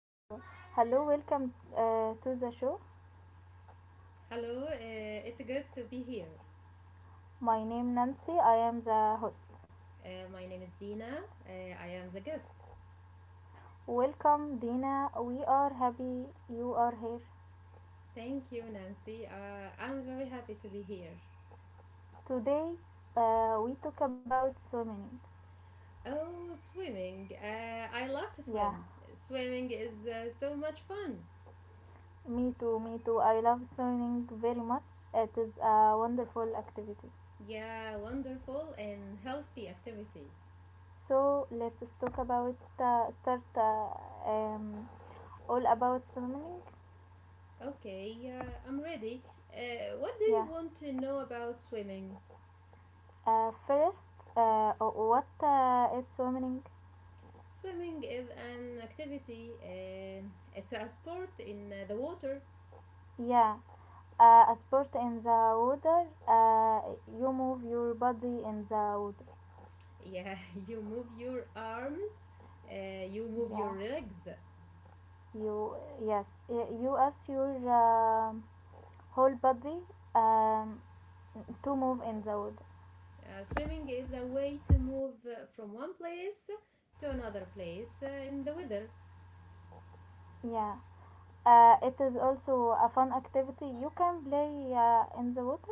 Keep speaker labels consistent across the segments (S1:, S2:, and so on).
S1: Hello, hello, welcome to the show.
S2: Hello, it's good to be here.
S1: My name Nancy. I am the host.
S2: My name is Dina. I am the guest.
S1: Welcome Dina. We are happy you are here.
S2: Thank you, Nancy. I'm very happy to be here.
S1: Today we talk about swimming.
S2: Oh, swimming. I love to
S1: Yeah,
S2: swim. Swimming is so much fun.
S1: me too. Me too. I love swimming very much. It is a wonderful activity.
S2: Yeah, wonderful and healthy activity.
S1: So let's talk about start um, all about swimming.
S2: Okay, I'm ready. What do you
S1: Yeah.
S2: want to know about swimming?
S1: First, what is swimming?
S2: Swimming is an activity, it's a sport in the water.
S1: Yeah, a sport in the water. You move your body in the water.
S2: Yeah, you move your arms, you move your
S1: Yeah,
S2: legs.
S1: you you ask your whole body um, to move in the water.
S2: Swimming is a way to move from one place to another place in the weather.
S1: Yeah, it is also a fun activity. You can play in the water.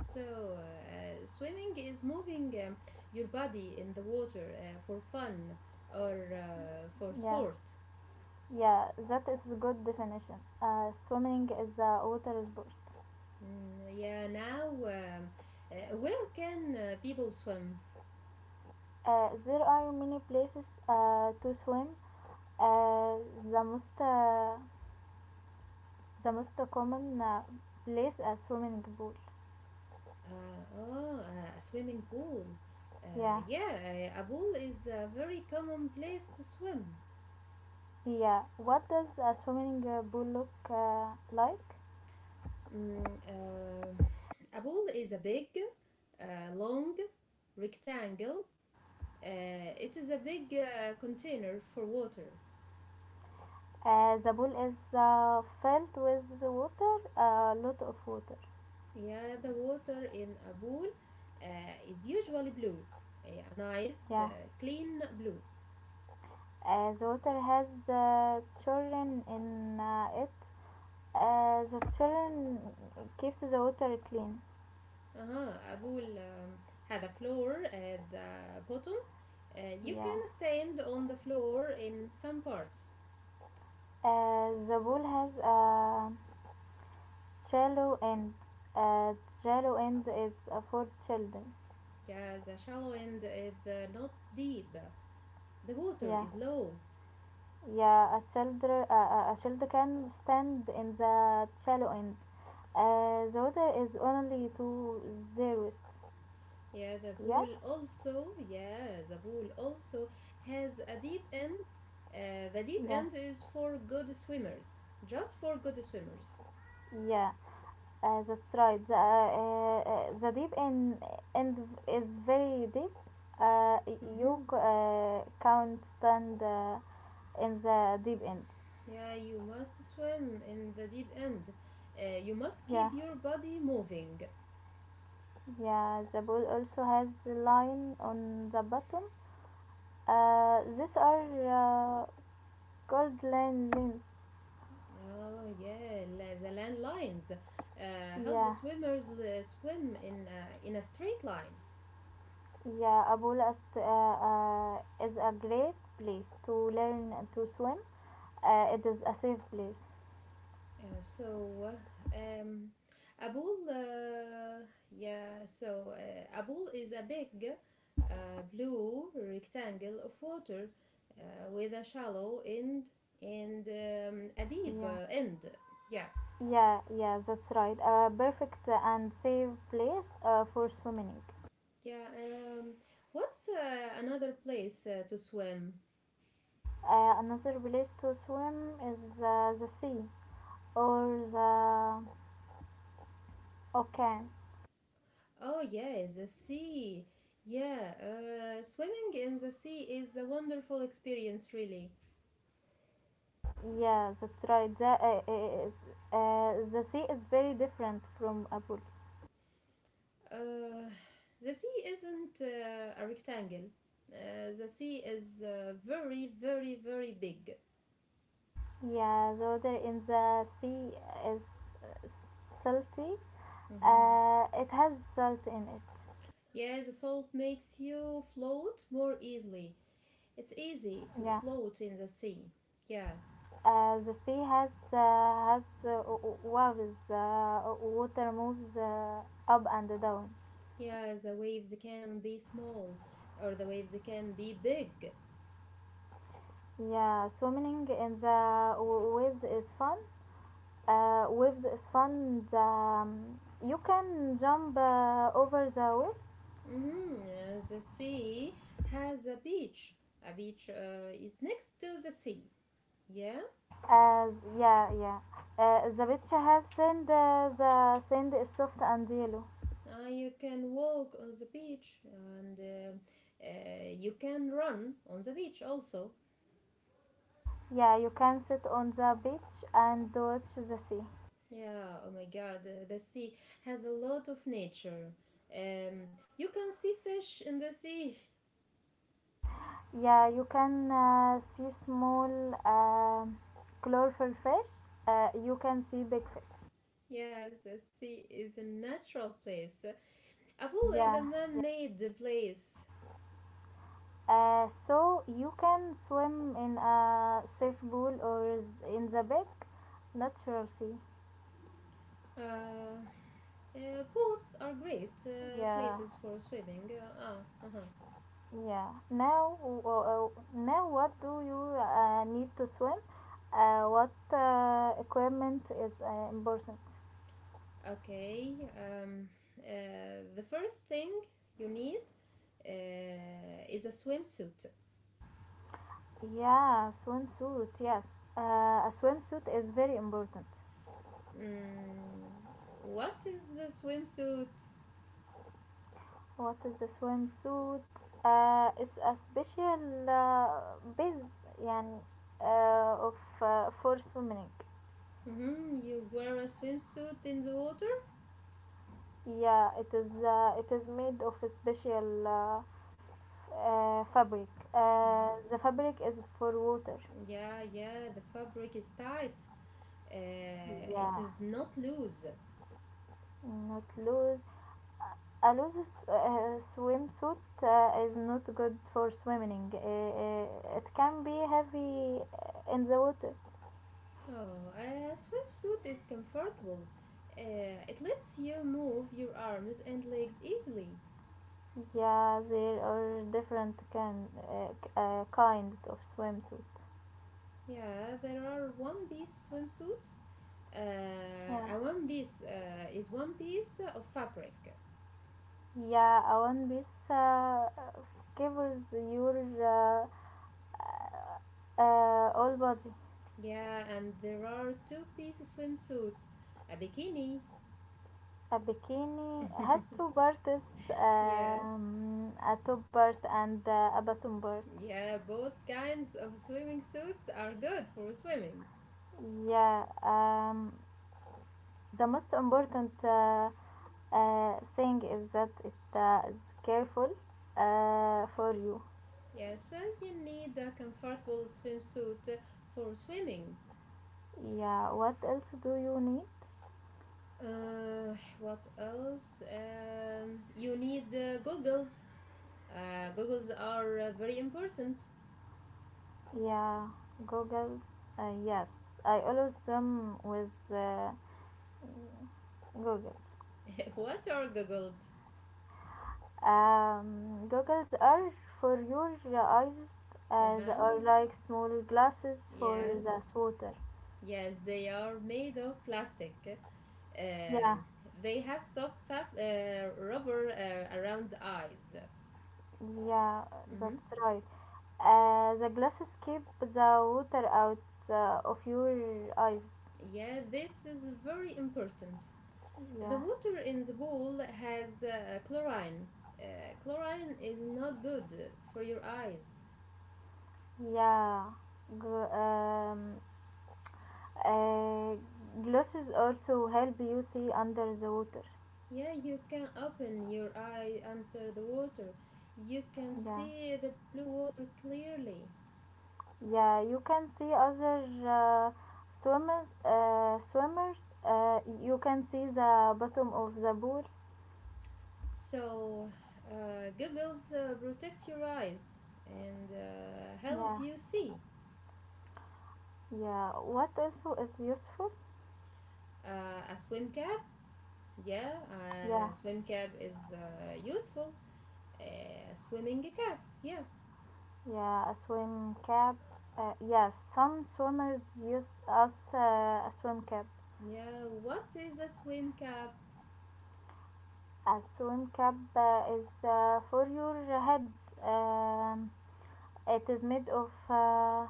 S2: So, swimming is moving your body in the water for fun or for
S1: Yeah,
S2: sport.
S1: yeah, that is a good definition. Swimming is a water sport.
S2: Yeah, now, where can people swim?
S1: There are many places to swim. Uh, the most uh, the most common place a swimming pool.
S2: Oh, a swimming pool.
S1: Yeah,
S2: Yeah, a pool is a very common place to swim.
S1: yeah. What does a swimming pool look like?
S2: Mm, uh, a pool is a big, long rectangle. Uh, it is a big container for water.
S1: The pool is filled with water, a lot of water.
S2: Yeah, the water in a pool uh, is usually blue, a nice,
S1: Yeah.
S2: clean blue.
S1: The water has children in it. The children keeps the water clean.
S2: اه أقول هذا floor at the bottom. You
S1: Yeah.
S2: can stand on the floor in some parts.
S1: The pool has a Cello and uh, cello and is for children.
S2: Yeah, the shallow end is not deep. The water
S1: Yeah,
S2: is low.
S1: yeah. A child, a child can stand in the cello end. The order is only two zeros. Yeah,
S2: Yeah, the pool also has a deep end. The deep
S1: yeah,
S2: end is for good swimmers. Just for good swimmers.
S1: yeah. That's right. The deep end, end is very deep. Uh, you
S2: hmm
S1: c- can't stand in the deep end.
S2: Yeah, you must swim in the deep end. You must
S1: Yeah.
S2: keep your body moving.
S1: Yeah, the ball also has a line on the bottom. These are called line lanes.
S2: Oh, yeah, the landlines help
S1: Yeah,
S2: swimmers swim in a straight line.
S1: yeah. A pool is a great place to learn to swim. It is a safe place.
S2: So, um, a pool, yeah, so a pool is a big uh, blue rectangle of water with a shallow end and a deep
S1: Yeah,
S2: end. Yeah,
S1: yeah. That's right. A perfect and safe place for swimming.
S2: yeah. What's another place to swim?
S1: Another place to swim is the sea or the ocean.
S2: Oh, yes, the sea. Yeah, swimming in the sea is a wonderful experience, really.
S1: Yeah, that's right. The sea is very different from Apul.
S2: Uh, the sea isn't a rectangle, the sea is very, very, very big.
S1: Yeah, the water in the sea is uh, salty.
S2: Mm-hmm.
S1: It has salt in it.
S2: Yeah, the salt makes you float more easily. It's easy to
S1: Yeah.
S2: float in the sea. Yeah.
S1: The sea has w- w- waves. Water moves up and down.
S2: Yeah, the waves can be small or the waves can be big.
S1: Yeah, swimming in the waves is fun. Waves is fun. You can jump over the waves.
S2: Mm-hmm. The sea has a beach. A beach is next to the sea. Yeah,
S1: Uh, yeah. The picture has sand. The sand is soft and yellow.
S2: you can walk on the beach and uh, you can run on the beach also.
S1: Yeah, you can sit on the beach and watch the sea.
S2: Yeah, oh my god, the sea has a lot of nature. You can see fish in the sea.
S1: Yeah, you can see small um colorful fish. You can see big fish.
S2: Yes, the sea is a natural place. A pool is a
S1: Yeah.
S2: man
S1: Yeah.
S2: made place.
S1: So you can swim in a safe pool or in the big natural sea.
S2: Uh, Both are great
S1: Yeah.
S2: places for swimming. Uh-huh.
S1: Yeah. Now, now, what do you need to swim? What equipment is important?
S2: Okay. The first thing you need is a swimsuit.
S1: Yeah, swimsuit. Yes, uh, a swimsuit is very important.
S2: Mm, what is a swimsuit?
S1: What is the swimsuit? It's a special biz, يعني, of for swimming.
S2: You wear a swimsuit in the water?
S1: Yeah, it is. It is made of a special fabric.
S2: Mm.
S1: The fabric is for water.
S2: Yeah, yeah, the fabric is tight. It
S1: Yeah.
S2: is not loose.
S1: Not loose. A loose swimsuit is not good for swimming. It can be heavy in the water.
S2: Oh, a swimsuit is comfortable. It lets you move your arms and legs easily.
S1: Yeah, there are different kinds of swimsuit.
S2: Yeah, there are one piece swimsuits.
S1: Yeah,
S2: A one piece is one piece of fabric.
S1: yeah, a one piece covers your all body.
S2: Yeah, and there are two-piece swimsuits. A bikini.
S1: A bikini has two parts,
S2: Yeah,
S1: a top part and a bottom part.
S2: yeah, both kinds of swimming suits are good for swimming.
S1: Yeah, the most important thing is that it is careful for you.
S2: Yeah, so you need a comfortable swimsuit for swimming.
S1: Yeah, what else do you need?
S2: What else? You need goggles. Goggles are very important.
S1: Yeah, goggles. Yes, I always with goggles.
S2: what are goggles?
S1: Goggles are for your eyes as or
S2: Uh-huh.
S1: like small glasses for
S2: Yes.
S1: the water.
S2: Yes, they are made of plastic.
S1: Yeah.
S2: Um, they have soft rubber around the eyes.
S1: Yeah,
S2: hmm
S1: that's right. The glasses keep the water out of your eyes.
S2: Yeah, this is very important. The
S1: Yeah,
S2: water in the bowl has chlorine. Uh, Chlorine is not good for your eyes.
S1: yeah. G- um, uh, Glasses also help you see under the water.
S2: Yeah, you can open your eye under the water. You can
S1: Yeah,
S2: see the blue water clearly.
S1: yeah. You can see other swimmers. You can see the bottom of the pool.
S2: So, goggles protect your eyes and help
S1: Yeah,
S2: you see.
S1: yeah. What also is useful?
S2: A swim cap, yeah, a
S1: Yeah.
S2: swim cap is useful. A swimming cap, yeah.
S1: Yeah, a swim cap. Yes, some swimmers use as a swim cap.
S2: Yeah, what is a swim cap?
S1: A swim cap is for your head. Um, it is made of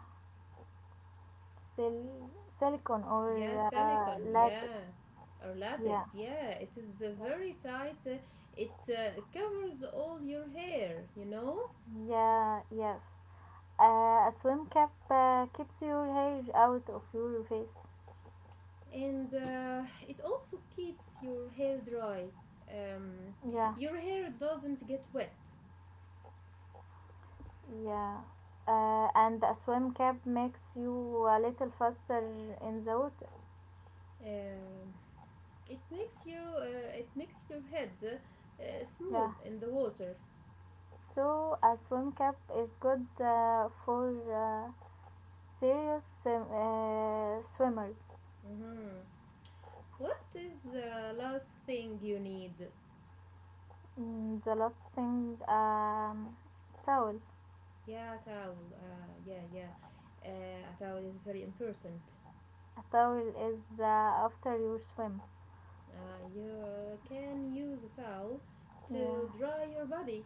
S1: sil- silicone or
S2: Yeah, silicone.
S1: latex.
S2: Yeah, or
S1: Yeah,
S2: latex. Yeah, it is very tight. It covers all your hair, you know,
S1: yeah. A swim cap keeps your hair out of your face.
S2: and it also keeps your hair dry. Um,
S1: Yeah,
S2: your hair doesn't get wet.
S1: yeah. And a swim cap makes you a little faster in the water.
S2: Um it makes your head smooth
S1: Yeah.
S2: in the water.
S1: So a swim cap is good for serious swimmers.
S2: hmm What is the last thing you need?
S1: The last thing, towel.
S2: Yeah, a towel. Yeah, yeah. A towel is very important.
S1: A towel is after you swim.
S2: You can use a towel
S1: Yeah,
S2: to dry your body.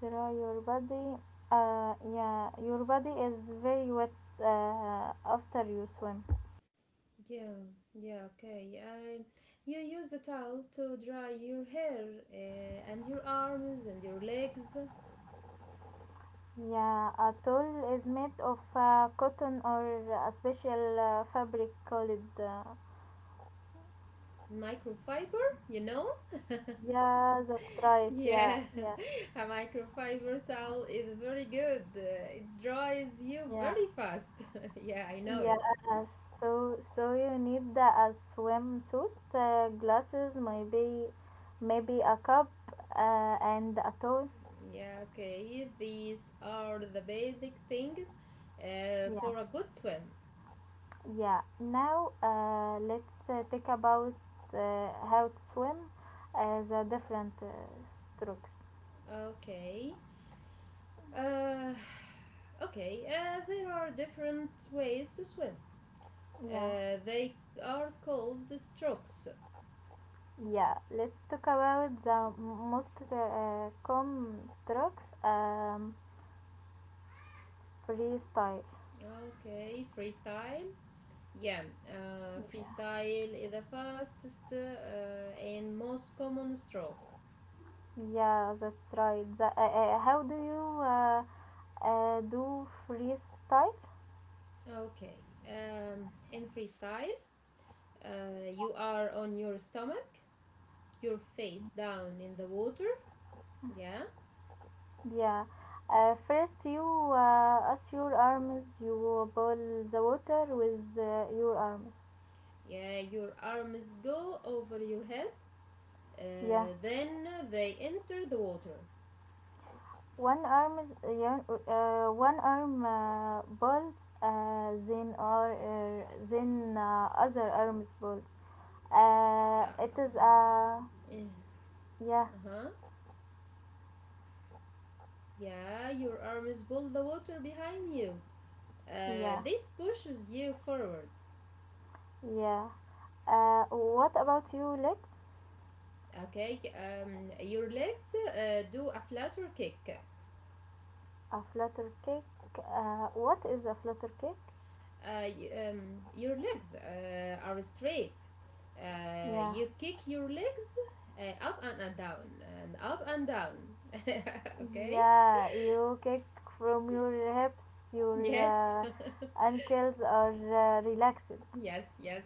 S1: dry your body. Yeah, your body is very wet after you swim.
S2: Yeah, yeah, okay. I, you use the towel to dry your hair and your arms and your legs.
S1: Yeah, a towel is made of cotton or a special fabric called.
S2: Microfiber, you know?
S1: Yeah, that's right. Yeah,
S2: Yeah,
S1: yeah.
S2: a microfiber towel is very good. It dries you
S1: Yeah,
S2: very fast. yeah, I know
S1: yeah.
S2: it.
S1: uh, So, so you need the a swimsuit, glasses, maybe, maybe a cup, and a towel.
S2: Yeah, okay. These are the basic things
S1: Yeah,
S2: for a good swim.
S1: yeah. Now, let's talk about how to swim as a different strokes.
S2: Okay. Uh, okay, there are different ways to swim.
S1: Yeah,
S2: They are called strokes.
S1: yeah. Let's talk about the most common strokes, freestyle.
S2: Okay, freestyle. Yeah,
S1: Yeah.
S2: freestyle is the fastest and most common stroke.
S1: Yeah, that's right. How do you do freestyle?
S2: Okay, in freestyle, you are on your stomach, your face down in the water. Yeah,
S1: Yeah. First, you as your arms, you boil the water with your arms.
S2: yeah, your arms go over your head.
S1: Yeah.
S2: Then they enter the water.
S1: One arm boils, then other arms boils.
S2: Yeah.
S1: It is
S2: Eh,
S1: yeah,
S2: uh-huh. Yeah, your arms pull the water behind you.
S1: yeah,
S2: This pushes you forward.
S1: yeah. What about your legs?
S2: Okay, your legs do a flutter kick.
S1: A flutter cake? What is a flutter cake?
S2: Uh, your legs are straight.
S1: Yeah.
S2: You kick your legs up and down and up and down. okay?
S1: Yeah, you kick from your hips,
S2: Yes.
S1: your ankles are relaxed.
S2: yes, yes.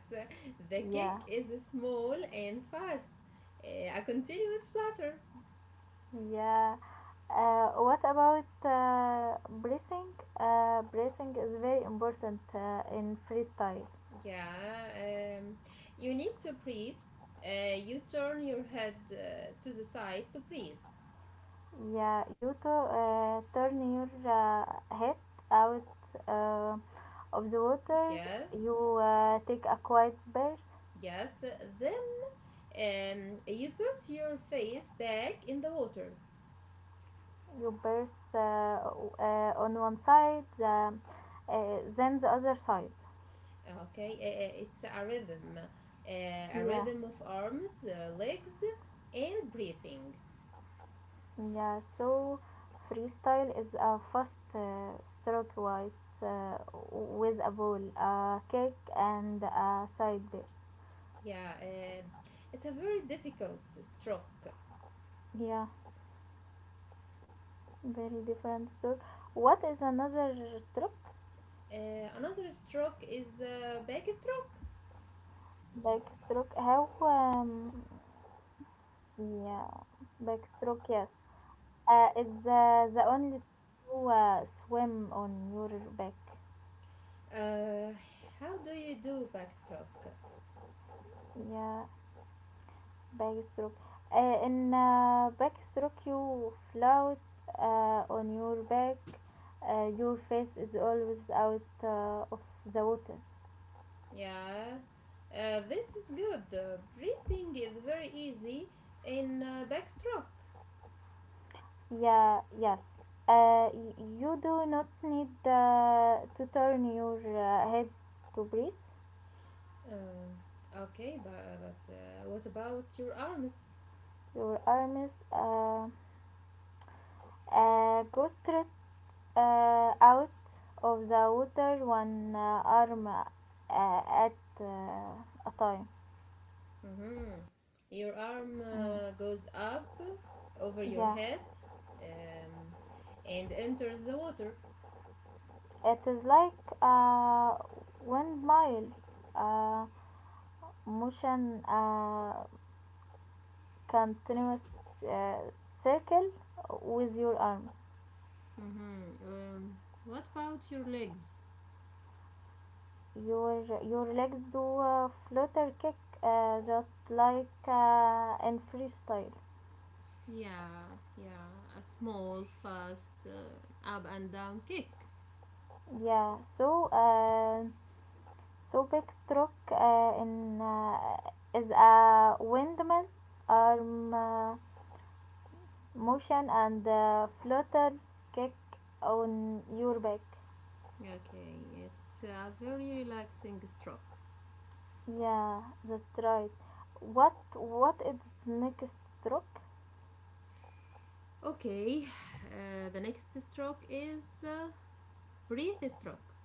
S2: The
S1: Yeah.
S2: kick is small and fast. A continuous flutter.
S1: Yeah. What about breathing? Breathing is very important in freestyle.
S2: Yeah, you need to breathe. You turn your head to the side to breathe.
S1: Yeah, you to turn your head out uh, of the water.
S2: Yes,
S1: You take a quiet breath.
S2: yes. Then you put your face back in the water.
S1: You press on one side then the other side.
S2: Okay, it's a
S1: yeah
S2: rhythm of arms, legs, and breathing.
S1: yeah so freestyle is a fast stroke uh, with a ball a kick and a side bear.
S2: Yeah, it's a very difficult stroke.
S1: yeah Very different stroke. What is another stroke?
S2: Another stroke is the backstroke.
S1: Backstroke. How yeah Backstroke, yes. It's the only to swim on your back.
S2: Uh, how do you do backstroke?
S1: Yeah, backstroke. In backstroke, you float on your back. Your face is always out of the water.
S2: Yeah, this is good. Breathing is very easy in backstroke.
S1: Yeah, yes. You do not need to turn your head to breathe.
S2: Um, okay, but, what about your arms?
S1: Your arms go straight out of the water, one arm at a time.
S2: hmm Your arm
S1: Mm.
S2: goes up over your
S1: Yeah.
S2: head um, and enters the water.
S1: It is like a windmill uh, motion, a continuous uh, circle with your arms.
S2: hmm Um, what about your legs?
S1: Your legs do a flutter kick, just like in freestyle.
S2: Yeah, yeah, a small, fast up and down kick.
S1: Yeah. So so big stroke in is a windmill arm motion and flutter kick on your back.
S2: Okay, it's a very relaxing stroke.
S1: Yeah, that's right. What is next stroke?
S2: Okay, the next stroke is breathe stroke.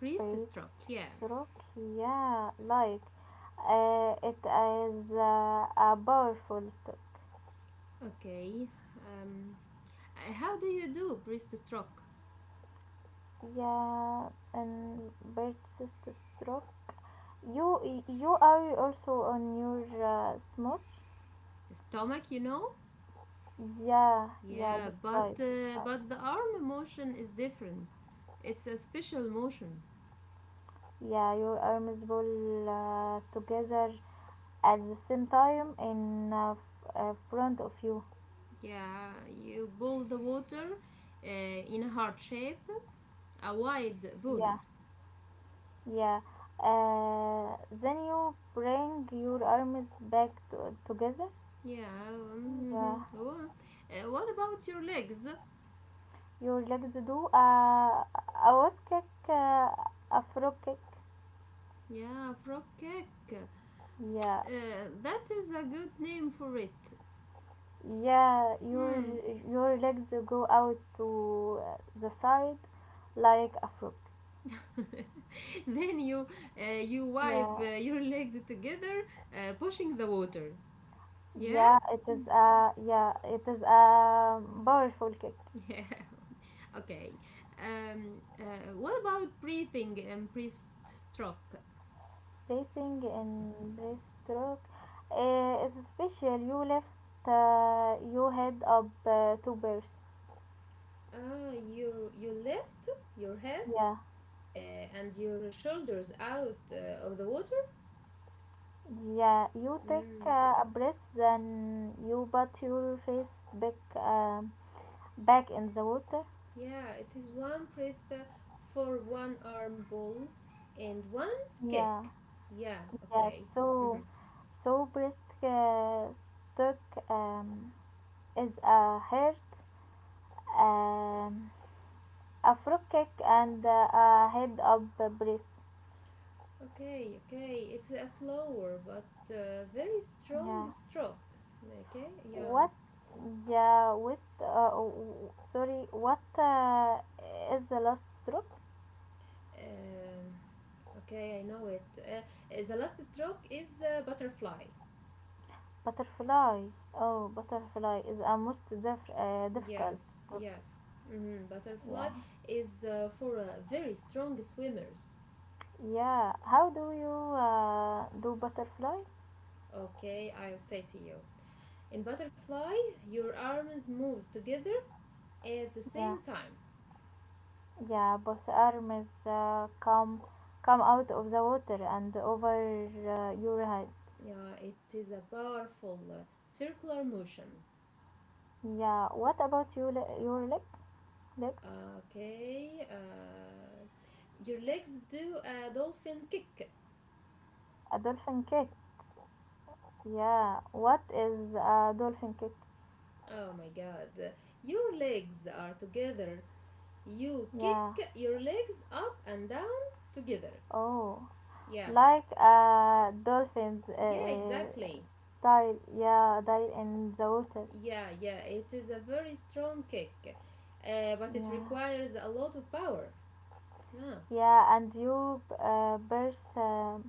S2: Breathe
S1: Breathe
S2: stroke, yeah.
S1: stroke. Yeah, like it is a powerful stroke.
S2: Okay, um, how do you do breathe stroke?
S1: Yeah, and breathe stroke. You are also on your smooch.
S2: Stomach, you know?
S1: Yeah,
S2: Yeah,
S1: That's right.
S2: but the arm motion is different. It's a special motion.
S1: Yeah, you are miserable together at the same time in front of you.
S2: Yeah, you pull the water uh, in a heart shape, a wide pull.
S1: Yeah, yeah. Uh, then you bring your arms back to- together.
S2: Yeah, mhm.
S1: Yeah,
S2: Oh, what about your legs?
S1: your legs do a what kick, uh, a frog kick.
S2: Yeah, frog cake.
S1: Yeah,
S2: That is a good name for it.
S1: yeah. Your
S2: Hmm.
S1: your legs go out to the side like a frog.
S2: then you you wipe
S1: Yeah.
S2: uh, your legs together, pushing the water. Yeah?
S1: It is a powerful kick.
S2: Yeah. Okay. What about breathing and breaststroke?
S1: Bracing in breaststroke is special. You lift your head up two bursts.
S2: Ah, you lift your head
S1: Yeah,
S2: and your shoulders out of the water.
S1: yeah. You take
S2: Mm,
S1: a breath, then you put your face back back in the water.
S2: Yeah, it is one breath for one arm ball and one
S1: Yeah,
S2: kick. Yeah,
S1: yeah.
S2: okay.
S1: So,
S2: Mhm.
S1: so breast uh, stroke is a hurt. Um, a frog kick and a head up brace.
S2: Okay, okay. It's a slower but very
S1: Yeah.
S2: strong stroke. Okay, yeah.
S1: What? Yeah. Sorry. What is the last stroke?
S2: Um, okay, I know it. The last stroke is the butterfly.
S1: Butterfly. Oh, butterfly is a most difficult
S2: Yes,
S1: stroke.
S2: yes. Butterfly
S1: Yeah.
S2: is for very strong swimmers.
S1: Yeah. How do you do butterfly?
S2: Okay, I'll say to you. In butterfly, your arms moves together at the
S1: Yeah.
S2: same time,
S1: Yeah. Both arms come out of the water and over your head.
S2: yeah, it is a powerful circular motion.
S1: Yeah. What about your legs?
S2: Okay, your legs do a dolphin kick.
S1: A dolphin kick. Yeah. What is a dolphin kick?
S2: Oh my god, your legs are together. You kick
S1: Yeah.
S2: your legs up and down together.
S1: Oh,
S2: Yeah,
S1: like a dolphin's
S2: yeah, exactly.
S1: dive. Yeah, dive in the water.
S2: Yeah, yeah, it is a very strong kick, but it
S1: Yeah.
S2: requires a lot of power. Yeah.
S1: Yeah, and you burst,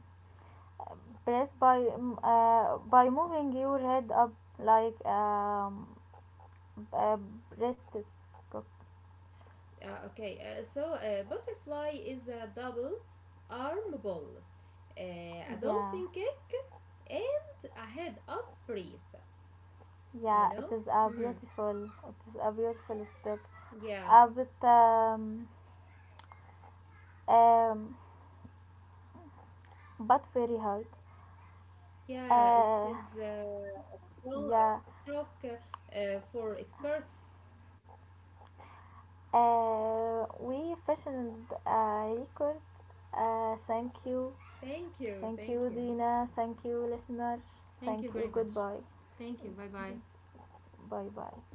S1: press by moving your head up like a breast cock.
S2: Okay, so a butterfly is a double arm ball, a
S1: Yeah.
S2: dolphin kick, and a head up breath. You
S1: Yeah,
S2: know?
S1: it is a
S2: Hmm.
S1: beautiful. It is a beautiful stroke.
S2: Yeah,
S1: But um, but very hard.
S2: yeah, it
S1: Uh,
S2: is a strong
S1: yeah,
S2: stroke for experts.
S1: we fashioned a record. Uh, thank you,
S2: Thank you,
S1: thank you, Dina. Thank you, listeners.
S2: thank
S1: Thank
S2: you
S1: you.
S2: very much.
S1: Goodbye.
S2: Thank you, bye bye.
S1: Bye bye.